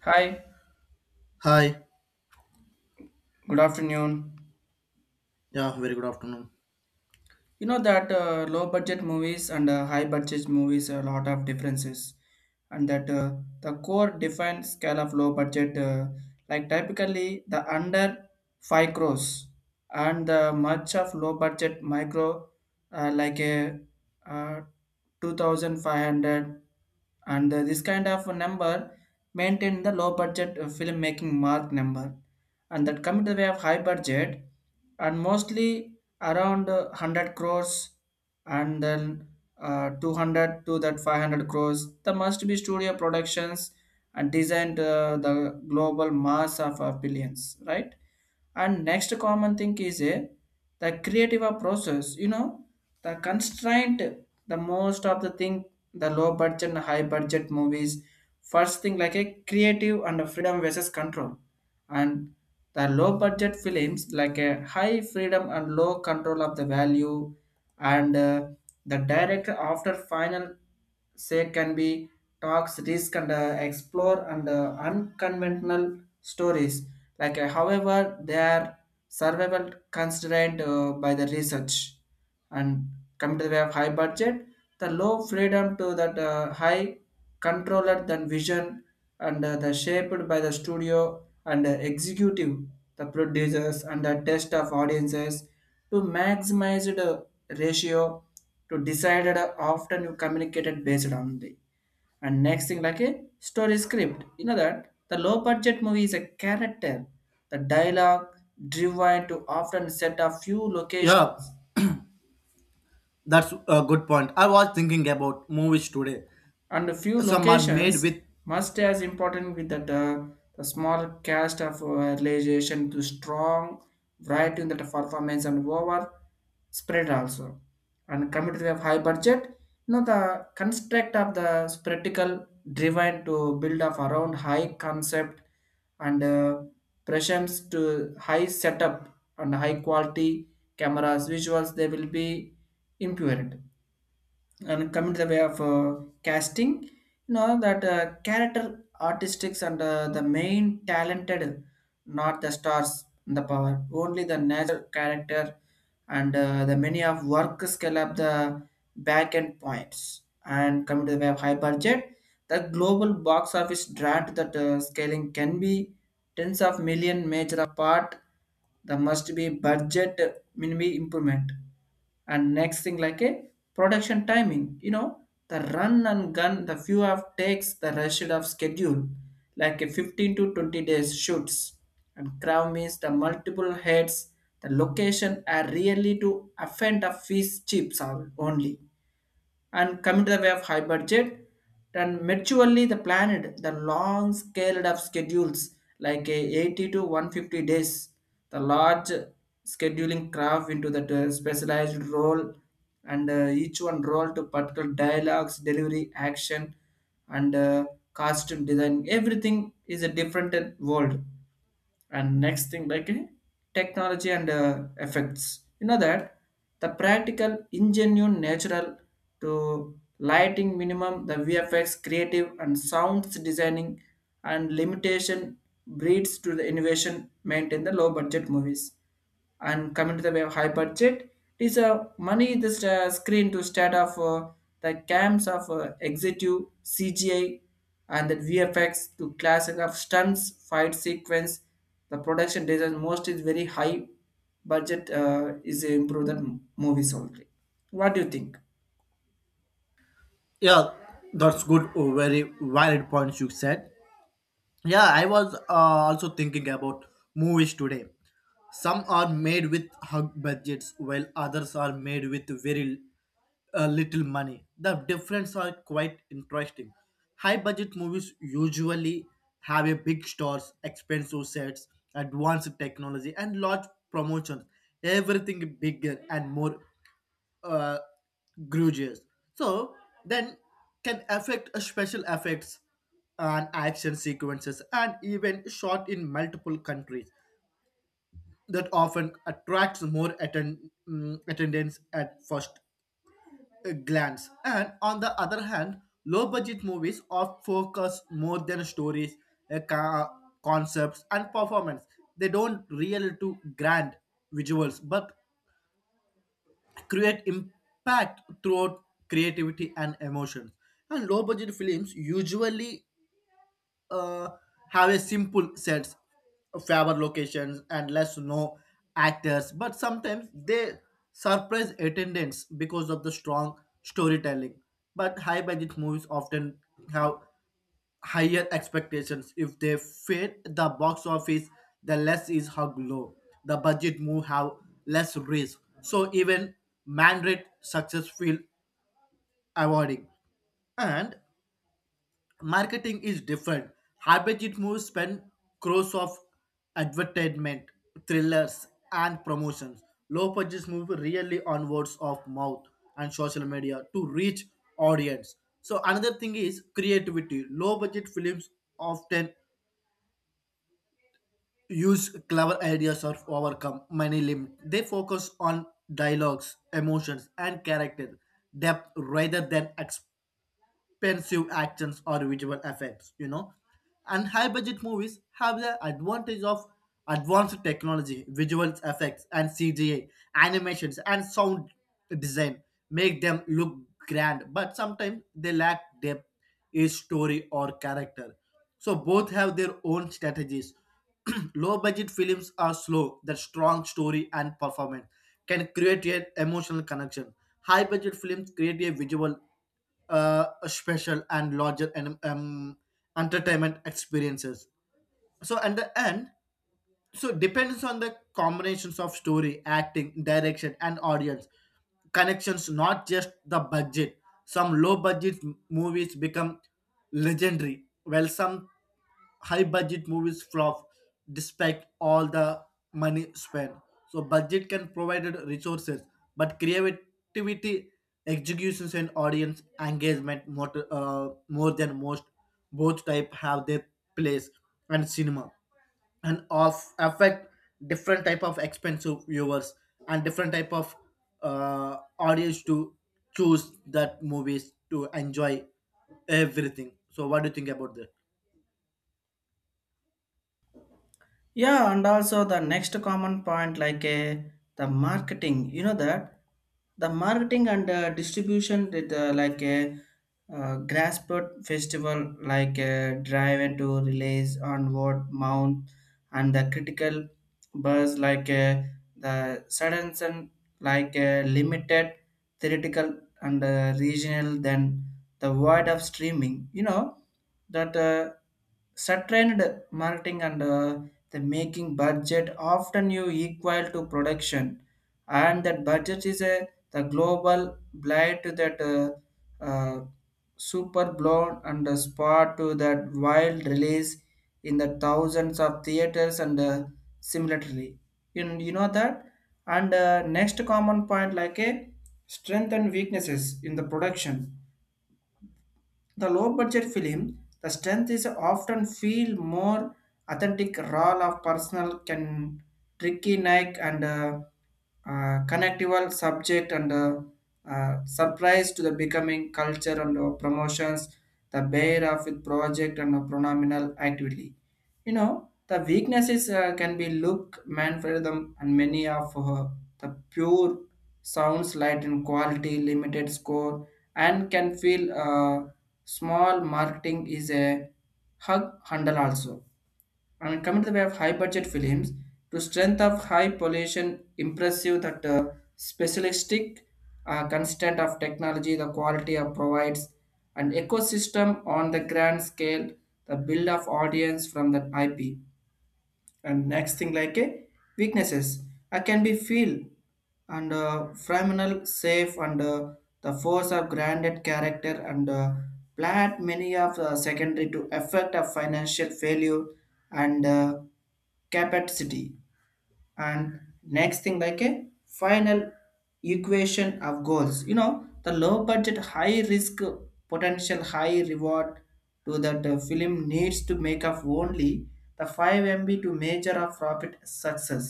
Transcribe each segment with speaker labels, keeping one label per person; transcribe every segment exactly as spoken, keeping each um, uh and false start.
Speaker 1: Hi,
Speaker 2: Hi.
Speaker 1: good afternoon.
Speaker 2: Yeah, very good afternoon.
Speaker 1: You know that uh, low budget movies and uh, high budget movies are a lot of differences, and that uh, the core defined scale of low budget, uh, like typically the under five crores, and the much of low budget micro, uh, like a uh, two thousand five hundred, and uh, this kind of a number maintain the low budget uh, filmmaking mark number, and that come to the way of high budget, and mostly around uh, one hundred crores and then uh, two hundred to that five hundred crores the must be studio productions and designed uh, the global mass of uh, billions, right? And next common thing is a the creative process, you know, the constraint, the most of the thing, the low budget and high budget movies. First thing like a creative and a freedom versus control, and the low budget films like a high freedom and low control of the value, and uh, the director after final say can be talks risk and uh, explore and uh, unconventional stories, like uh, however they are survival constrained uh, by the research. And come to the way of high budget, the low freedom to that uh, high controller than vision, and uh, the shaped by the studio and uh, executive, the producers and the test of audiences to maximize the ratio, to decided uh, often you communicated based on the. And next thing like a story script, you know that the low budget movie is a character, the dialogue driven to often set a few
Speaker 2: Yeah,
Speaker 1: locations
Speaker 2: that's a good point. I was thinking about movies today.
Speaker 1: and a few
Speaker 2: Some are made
Speaker 1: locations
Speaker 2: with
Speaker 1: must as important with that uh, the small cast of uh, realization to strong variety in that performance and over spread also. And committed to have high budget, you know the construct of the spectacle driven to build up around high concept, and uh, pressures to high setup and high quality cameras visuals, they will be impurity. And coming to the way of uh, casting, you know that uh, character artistics and uh, the main talented, not the stars and the power, only the natural character, and uh, the many of work scale up the back end points. And coming to the way of high budget, the global box office draft that uh, scaling can be tens of million major apart. There must be budget uh, minimum improvement. And next thing like a production timing, you know, the run and gun, the few of takes, the rush of schedule, like a fifteen to twenty days shoots. And crowd means the multiple heads, the location are really to offend a fish chips only. And coming to the way of high budget, then maturely the planet, the long scale of schedules, like a eighty to one hundred fifty days, the large scheduling craft into the uh, specialized role, and uh, each one role to particular dialogues delivery action, and uh, costume design everything is a different uh, world. And next thing like eh, technology and uh, effects, you know that the practical ingenuine natural to lighting minimum, the VFX creative and sounds designing, and limitation breeds to the innovation, maintain the low budget movies. And coming to the way high budget, it is a money this uh, screen to start off uh, the camps of uh, executive CGI and the VFX to classic of stunts fight sequence, the production design most is very high budget uh, is improve that movies only. What do you think?
Speaker 2: yeah, that's good, oh, very valid points you said. Yeah, I was uh, also thinking about movies today. Some are made with hug budgets, while others are made with very uh, little money. The difference are quite interesting. High budget movies usually have a big stars, expensive sets, advanced technology, and large promotions. Everything bigger and more uh, grudges. So then can affect a special effects and action sequences and even shot in multiple countries that often attracts more atten- mm, attendance at first uh, glance. And on the other hand, low budget movies often focus more than stories, uh, ca- concepts, and performance. They don't really to grand visuals, but create impact throughout creativity and emotions. And low budget films usually uh, have a simple sets, favor locations, and less known actors, but sometimes they surprise attendance because of the strong storytelling. But high budget movies often have higher expectations. If they fail the box office, the less is how low. The budget move have less risk. So even mandate success feel avoiding. And marketing is different. High budget moves spend crores of advertisement, thrillers, and promotions. Low budget move really on words of mouth and social media to reach audience. So another thing is creativity. Low budget films often use clever ideas or overcome many limits. They focus on dialogues, emotions, and character depth rather than perceived actions or visual effects you know And high budget movies have the advantage of advanced technology, visual effects, and C G I animations, and sound design make them look grand, but sometimes they lack depth, a story or character. So both have their own strategies. Low budget films are slow that strong story and performance can create an emotional connection. High budget films create a visual uh, special and larger and um, entertainment experiences. So at the end, so depends on the combinations of story, acting, direction, and audience connections, not just the budget. Some low budget movies become legendary, while some high budget movies flop despite all the money spent. So budget can provide resources, but creativity, executions, and audience engagement more, uh, more than most. Both type have their place and cinema and of affect different type of expensive viewers and different type of uh, audience to choose that movies to enjoy everything. So what do you think about that?
Speaker 1: Yeah, and also the next common point, like uh, the marketing, you know that the marketing and uh, distribution with uh, like a uh, grassroot festival, like a drive into release on word mount and the critical buzz, like uh, the sudden sun, like uh, limited theoretical and uh, regional, then the void of streaming, you know that. Uh, Strengthened marketing and uh, the making budget often you equal to production, and that budget is a the global blight to that uh, uh, super blown and a spot to that wild release in the thousands of theaters and uh, similarly. You, you know that. And uh, next common point like a strength and weaknesses in the production, the low budget film, the strength is often feel more authentic role of personal can tricky neck and uh, uh, connectable subject and uh, uh, surprise to the becoming culture and uh, promotions, the bear of with project and uh, pronominal activity, you know. The weaknesses uh, can be look man for them and many of her. The pure sounds light in quality, limited score, and can feel uh, small marketing is a hug handle also. I mean, coming to the way of high budget films, to strength of high pollution, impressive that uh, specialistic uh, constant of technology, the quality of provides an ecosystem on the grand scale, the build of audience from the I P. And next thing like a weaknesses, I can be feel, and uh, phenomenal safe and uh, the force of granted character and uh, plant many of the secondary to effect of financial failure and uh, capacity. And next thing like a final equation of goals, you know, the low budget high risk potential high reward, to that the film needs to make up only the five m b to measure of profit success,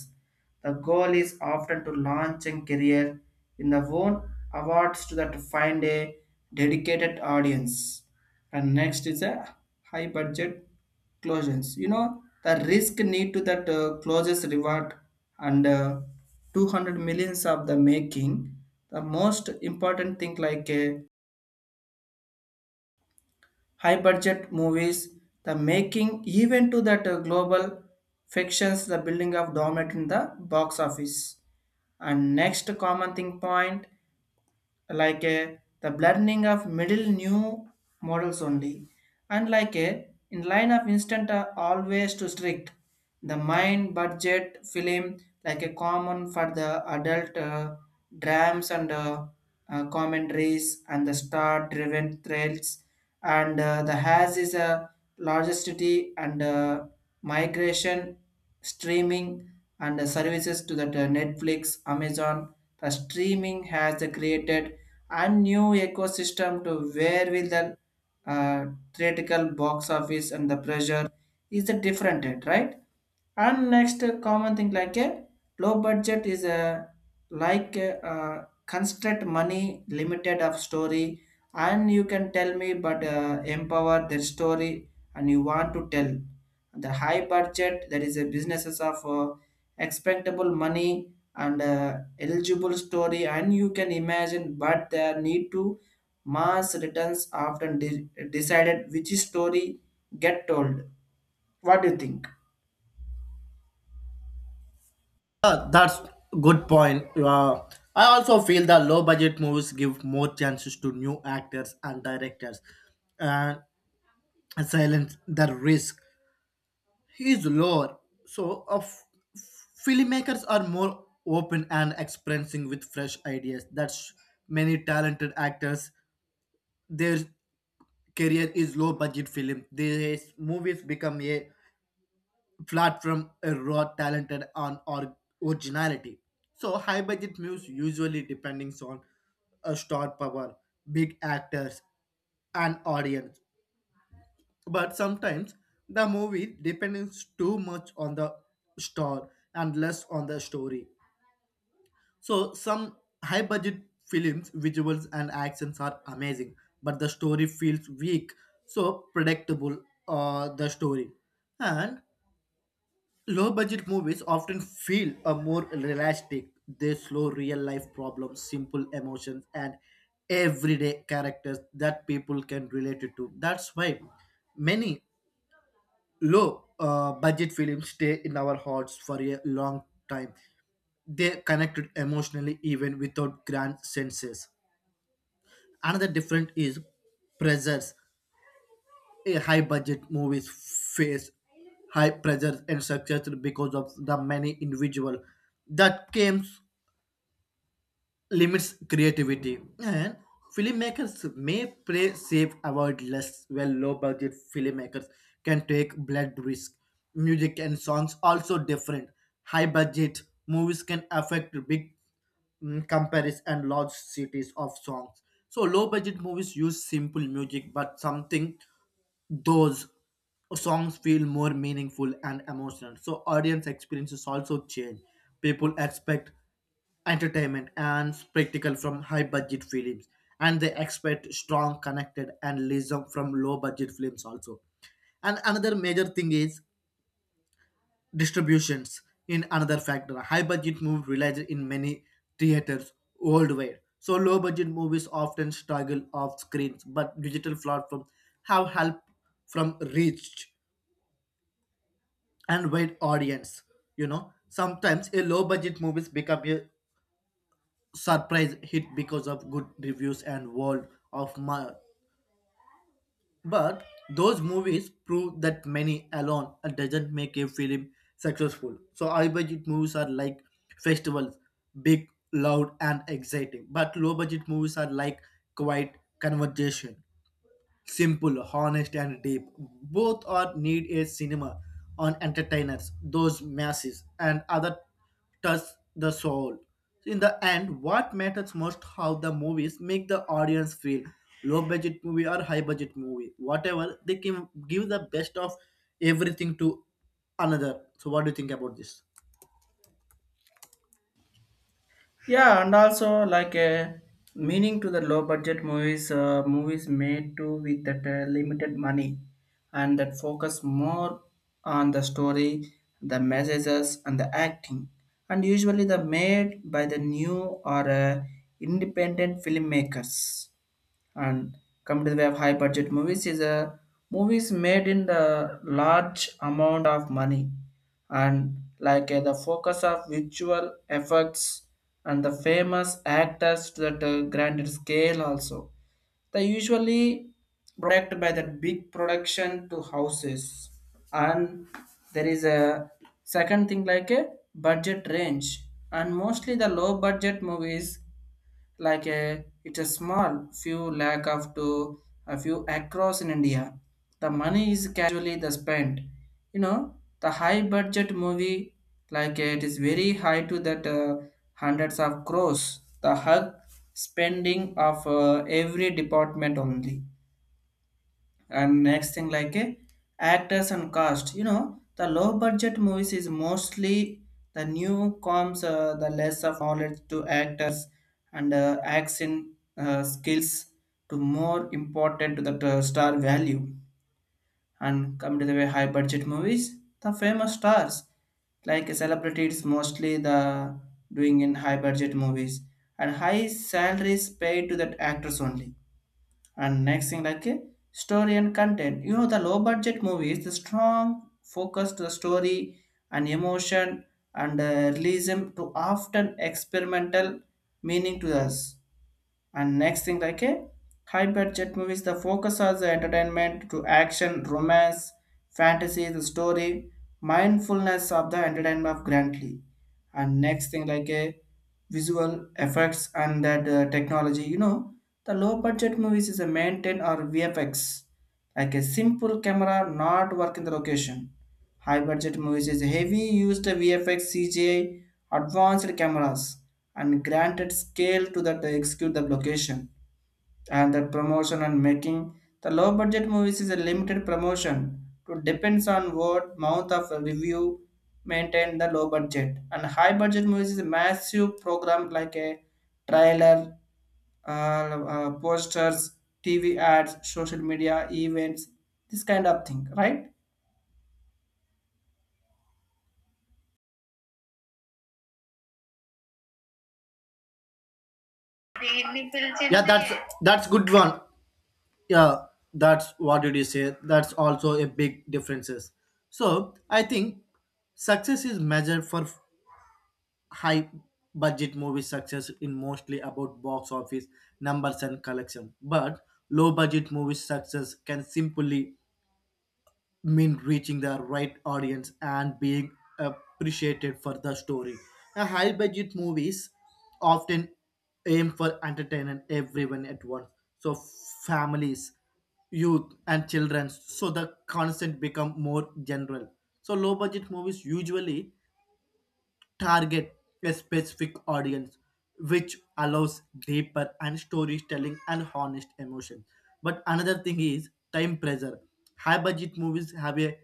Speaker 1: the goal is often to launch a career in the own awards to that to find a dedicated audience. And next is a high budget closures, you know, the risk need to that uh, closes reward and uh, two hundred millions of the making. The most important thing like a high budget movies, the making even to that uh, global fictions, the building of dominant in the box office. And next common thing point like a the blending of middle new models only, and like a in line of instant are always too strict, the mind budget film like a common for the adult uh, dramas and uh, uh, commentaries and the star driven thrills, and uh, the has is a largestity and uh, migration, streaming and the services to that uh, Netflix, Amazon. The streaming has uh, created a new ecosystem to where will the uh, theatrical box office and the pressure is the different rate, right? And next uh, common thing like a low budget is a like a, uh, construct money limited of story and you can tell me but uh, empower their story and you want to tell. The high budget that is a businesses of uh, expectable money and uh, eligible story and you can imagine but there need to mass returns often de- decided which story get told. What do you think?
Speaker 2: Uh, that's good point. Uh, I also feel that low budget movies give more chances to new actors and directors, and silence the risk is lower. So, uh, f- filmmakers are more open and expressing with fresh ideas. That's many talented actors. Their career is low budget film. These movies become a platform a raw talented on or originality. So high budget movies usually depending on a star power, big actors, and audience. But sometimes the movie depends too much on the star and less on the story. So some high budget films, visuals and actions are amazing, but the story feels weak, so predictable uh, the story. And low budget movies often feel a more realistic. They show real life problems, simple emotions, and everyday characters that people can relate it to. That's why many low uh, budget films stay in our hearts for a long time. They connected emotionally even without grand senses. Another different is pressures. A high budget movies face high pressures and success because of the many individual that games limits creativity and filmmakers may play safe avoid less well low budget filmmakers can take blood risk. Music and songs also different. High budget movies can affect big, mm, compares and large cities of songs, so low budget movies use simple music, but something those songs feel more meaningful and emotional. So audience experiences also change. People expect entertainment and spectacle from high budget films and they expect strong connected and realism from low budget films also. And another major thing is distributions in another factor. High budget movies released in many theaters worldwide. So low budget movies often struggle off screens, but digital platforms have help from reach and wide audience. You know, sometimes a low budget movies become a surprise hit because of good reviews and word of mouth. But those movies prove that money alone doesn't make a film successful. So high budget movies are like festivals, big, loud, and exciting. But low budget movies are like quiet conversation, simple, honest, and deep. Both are need a cinema on entertainers, those masses, and other touch the soul. In the end, what matters most how the movies make the audience feel. Low budget movie or high budget movie, whatever, they can give the best of everything to another. So what do you think about this?
Speaker 1: Yeah, and also like a meaning to the low budget movies, uh, movies made to with that uh, limited money, and that focus more on the story, the messages, and the acting, and usually the made by the new or uh, independent filmmakers. And coming to the way of high budget movies is a movies made in the large amount of money and like uh, the focus of visual effects and the famous actors to that uh, grander scale also. They usually product by the big production to houses. And there is a second thing like a budget range, and mostly the low budget movies like a it's a small few lakh of to a few across in India. The money is casually the spent. You know the high budget movie like it is very high to that uh, hundreds of crores. The hug spending of uh, every department only. And next thing like a actors and cast, you know the low budget movies is mostly the new comes uh, the less of knowledge to actors and uh, action uh, skills to more important to the uh, star value. And come to the way high budget movies, the famous stars like celebrities mostly the doing in high budget movies, and high salaries paid to that actors only. And next thing like a story and content, you know the low budget movies the strong focus to the story and emotion, and uh, realism to often experimental meaning to us. And next thing like a high budget movies, the focus on the entertainment to action, romance, fantasy, the story, mindfulness of the entertainment of grandly. And next thing like a visual effects and that uh, technology, you know, the low budget movies is a maintain or V F X, like a simple camera not work in the location. High budget movies is heavy used V F X, C G I, advanced cameras, and granted scale to that they execute the location and the promotion and making. The low budget movies is a limited promotion to depends on word mouth of review. Maintain the low budget and high budget movies is a massive program like a trailer, uh, uh, posters, T V ads, social media events, this kind of thing, right?
Speaker 2: Really? Yeah, that's that's good one. Yeah, that's what did you say. That's also a big differences. So I think success is measured for high budget movie success in mostly about box office numbers and collection, but low budget movie success can simply mean reaching the right audience and being appreciated for the story. A high budget movies often aim for entertaining everyone at once. So families, youth and children. So the content become more general. So low budget movies usually target a specific audience, which allows deeper and storytelling and honest emotion. But another thing is time pressure. High budget movies have a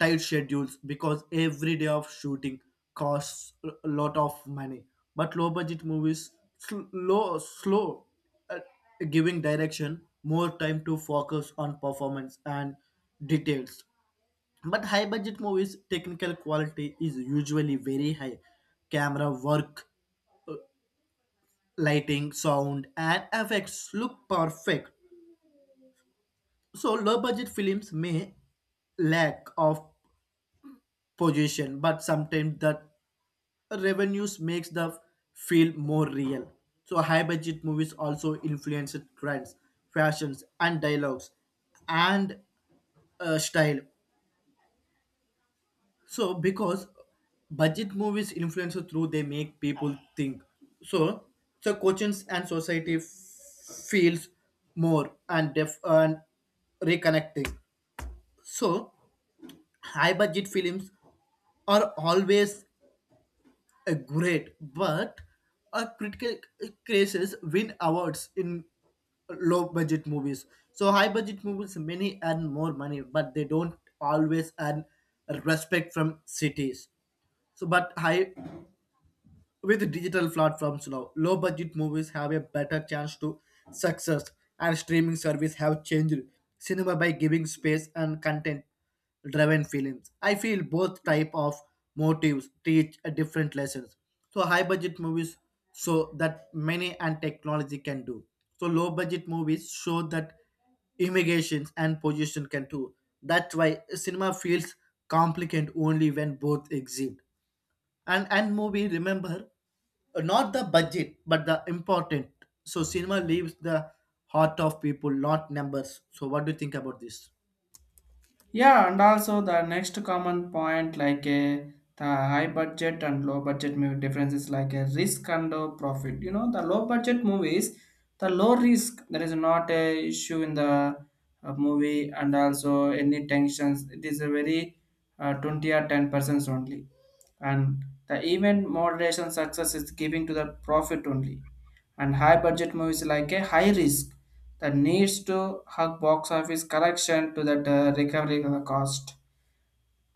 Speaker 2: tight schedules because every day of shooting costs a lot of money. But low budget movies slow slow uh, giving direction more time to focus on performance and details. But high budget movies technical quality is usually very high, camera work, lighting, sound, and effects look perfect. So low budget films may lack of position, but sometimes the revenues makes the feel more real. So high budget movies also influence trends, fashions, and dialogues and uh, style. So because budget movies influence through they make people think. So so coaches and society f- feels more and def and reconnecting. So high budget films are always a great, but a critical cases win awards in low budget movies. So high budget movies many earn more money, but they don't always earn respect from cities. So, but high with digital platforms now, low budget movies have a better chance to success, and streaming service have changed cinema by giving space and content driven films. I feel both type of motives teach a different lessons. So high budget movies show that money and technology can do. So low budget movies show that immigrations and position can do. That's why cinema feels complicated only when both exist. And and movie remember uh, not the budget but the important. So cinema leaves the heart of people not numbers. So what do you think about this?
Speaker 1: Yeah, and also the next common point like a the high budget and low budget movie differences like a risk and a profit. You know, the low budget movies, the low risk there is not a issue in the uh, movie and also any tensions. It is a very uh, twenty or ten percent only, and the even moderation success is giving to the profit only and high budget movies like a high risk that needs to hug box office correction to that uh, recovery uh, cost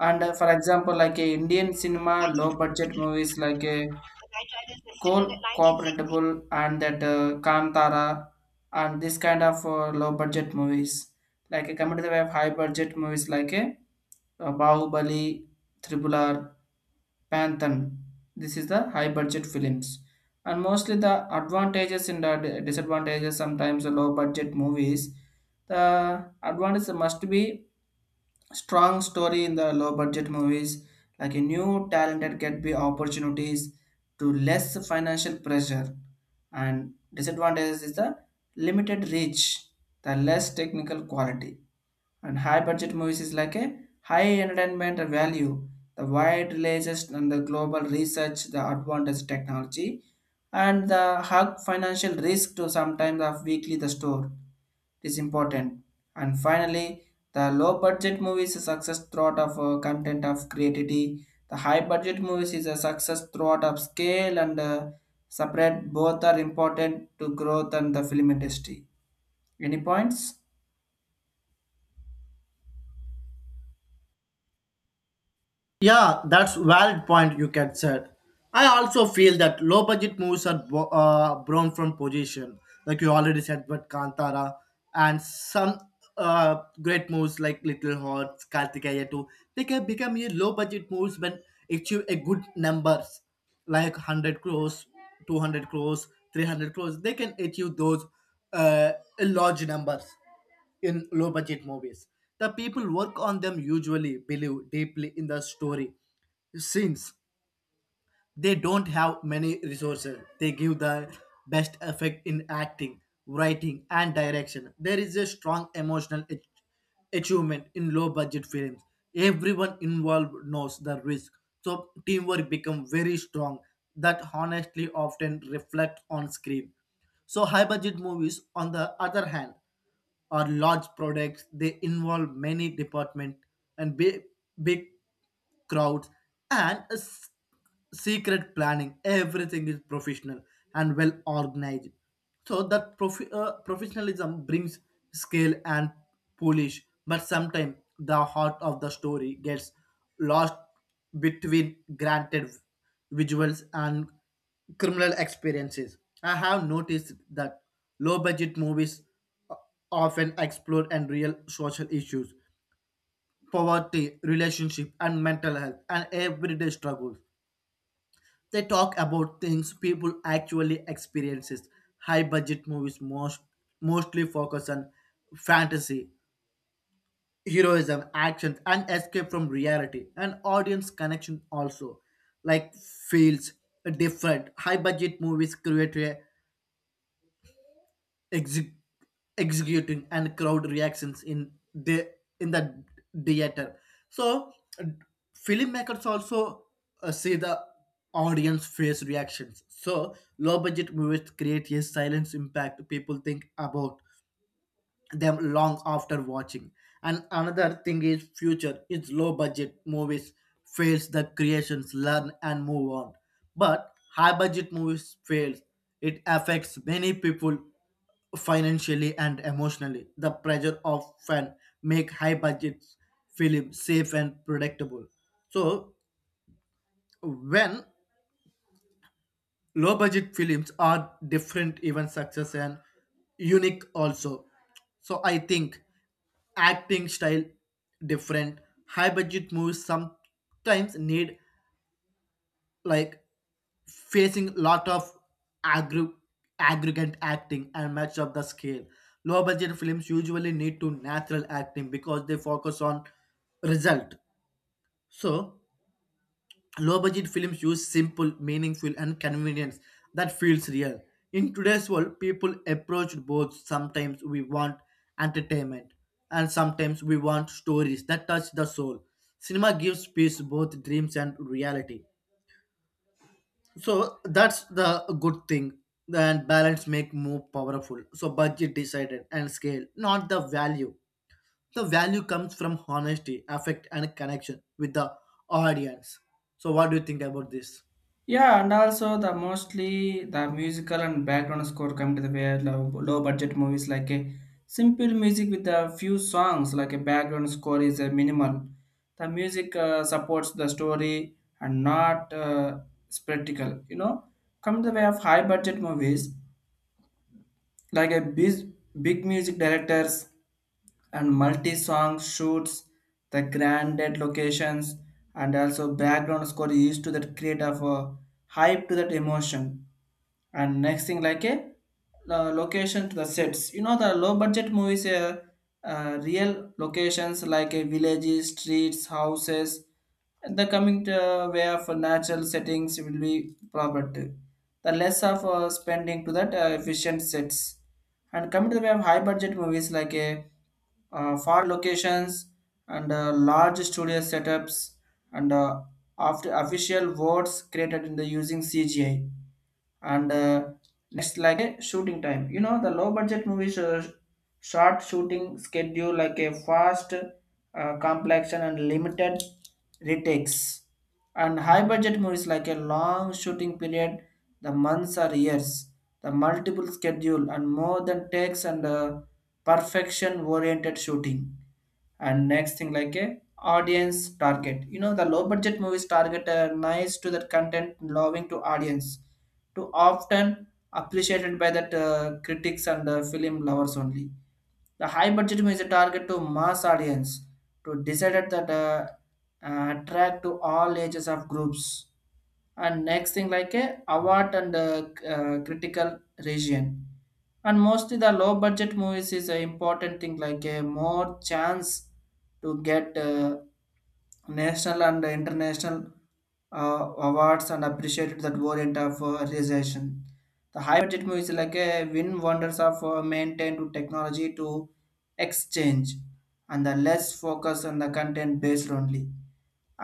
Speaker 1: and uh, for example like a indian cinema low budget movies like a coal cooperable and that uh, kantara and this kind of uh, low budget movies like a compared to the way of high budget movies like a uh, bahubali tribular Panthan. This is the high budget films. And mostly the advantages and the disadvantages, sometimes the low budget movies. The advantage must be strong story in the low budget movies, like a new talented get be opportunities to less financial pressure. And disadvantages is the limited reach, the less technical quality and high budget movies is like a high entertainment value, the wide releases and the global research, the advanced technology, and the hug financial risk to sometimes of weekly the store. It is important. And finally, the low budget movies is a success throughout of uh, content of creativity. The high budget movies is a success throughout of scale and uh, separate. Both are important to growth and the film industry. Any points?
Speaker 2: Yeah, that's valid point you can said. I also feel that low budget movies are bo- uh, born from position, like you already said, but Kantara and some uh, great movies like Little Hearts, Kartikeya too. They can become a low budget movies when achieve a good numbers, like one hundred crores, two hundred crores, three hundred crores. They can achieve those uh, large numbers in low budget movies. The people work on them usually believe deeply in the story. Since they don't have many resources, they give the best effect in acting, writing, and direction. There is a strong emotional ach- achievement in low budget films. Everyone involved knows the risk, so teamwork becomes very strong. That honestly often reflect on screen. So high budget movies, on the other hand, or large products they involve many department and big, big crowds and a secret planning. Everything is professional and well organized, so that prof- uh, professionalism brings scale and polish, but sometimes the heart of the story gets lost between granted visuals and criminal experiences. I have noticed that low budget movies uh, often explore and real social issues, poverty, relationship and mental health and everyday struggles. They talk about things people actually experiences. High budget movies most mostly focus on fantasy, heroism, action, and escape from reality, and audience connection also. Like feels different. High budget movies create a exec- executing and crowd reactions in the in the theater, so filmmakers also uh, see the audience face reactions. So low budget movies create a silence impact, people think about them long after watching. And another thing is future. It's low budget movies fails the creations, learn and move on. But high budget movies fails. It affects many people financially and emotionally. The pressure of fan make high budget film safe and predictable. So when low budget films are different, even success and unique also. So I think acting style different. High budget movies sometimes need like facing lot of aggr- aggregate acting and match up the scale. Low budget films usually need to natural acting because they focus on result. So low budget films use simple, meaningful, and convenience that feels real. In today's world, people approach both. Sometimes we want entertainment, and sometimes we want stories that touch the soul. Cinema gives peace, both dreams and reality. So that's the good thing. And balance make more powerful. So budget decided and scale, not the value. The value comes from honesty, affect, and connection with the audience. So what do you think about this?
Speaker 1: Yeah, and also the mostly the musical and background score come to the way low, low budget movies like a simple music with a few songs like a background score is a minimal. The music uh, supports the story and not uh, spectacle. You know, come to the way of high budget movies like a big, big music directors and multi-song shoots the granted locations and also background score used to that create of a hype to that emotion and next thing like a uh, location to the sets, you know, the low budget movies uh, uh, real locations like a villages streets houses and the coming to way of natural settings will be property the less of uh, spending to that uh, efficient sets and coming to the way of high budget movies like a uh, far locations and uh, large studio setups and uh, after official words created in the using cgi and uh, next like a shooting time, you know, the low budget movies uh, short shooting schedule like a fast uh, complexion and limited retakes and high budget movies like a long shooting period the months or years the multiple schedule and more than takes and uh, perfection oriented shooting and next thing like a audience target, you know, the low budget movies target a nice to that content loving to audience to often appreciated by that uh, critics and uh, film lovers only. The high budget is a target to mass audience to decided that uh, uh, attract to all ages of groups and next thing like a award and uh, c- uh, critical region and mostly the low budget movies is an important thing like a more chance to get uh, national and international uh, awards and appreciated that variant of uh, realization. The high budget movies like a win wonders of uh, maintain to technology to exchange and the less focus on the content based only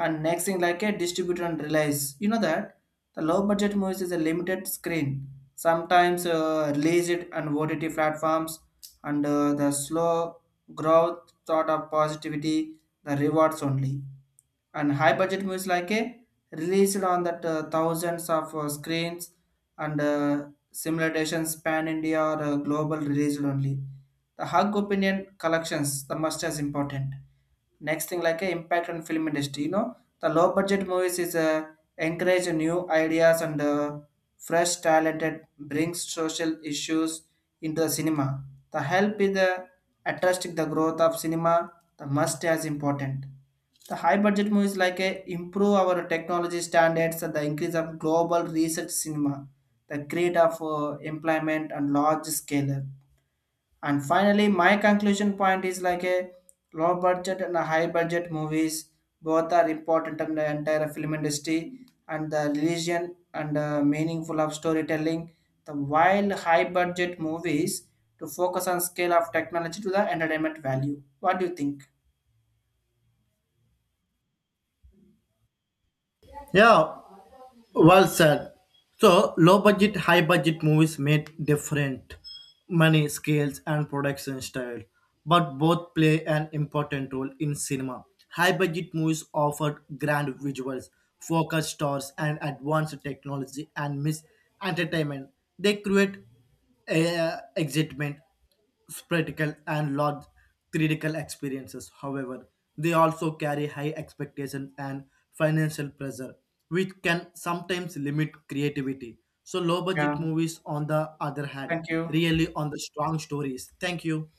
Speaker 1: and next thing like a distributor and release, you know, that the low budget movies is a limited screen sometimes uh, release it on ott platforms and uh, the slow growth sort of positivity the rewards only and high budget movies like a released on that uh, thousands of uh, screens and uh, simulations pan india or uh, global released only the hug opinion collections the must as important next thing like a impact on film industry, you know, the low budget movies is uh, encourage new ideas and uh, fresh talented brings social issues into the cinema the help is the attracting the growth of cinema the must as important the high budget movies like a improve our technology standards and the increase of global research cinema, the create of uh, employment and large scale. And finally, my conclusion point is like a low budget and a high budget movies both are important in the entire film industry and the religion and uh, meaningful of storytelling. The while high budget movies to focus on scale of technology to the entertainment value. What do you think?
Speaker 2: Yeah, well said. So, low budget, high budget movies made different money scales and production style, but both play an important role in cinema. High budget movies offered grand visuals, focused stars, and advanced technology and miss entertainment. They create uh, excitement spectacle and large theatrical experiences. However, they also carry high expectations and financial pressure, which can sometimes limit creativity. So, low budget
Speaker 1: Yeah,
Speaker 2: movies, on the other hand,
Speaker 1: thank you.
Speaker 2: really on the strong stories. Thank you.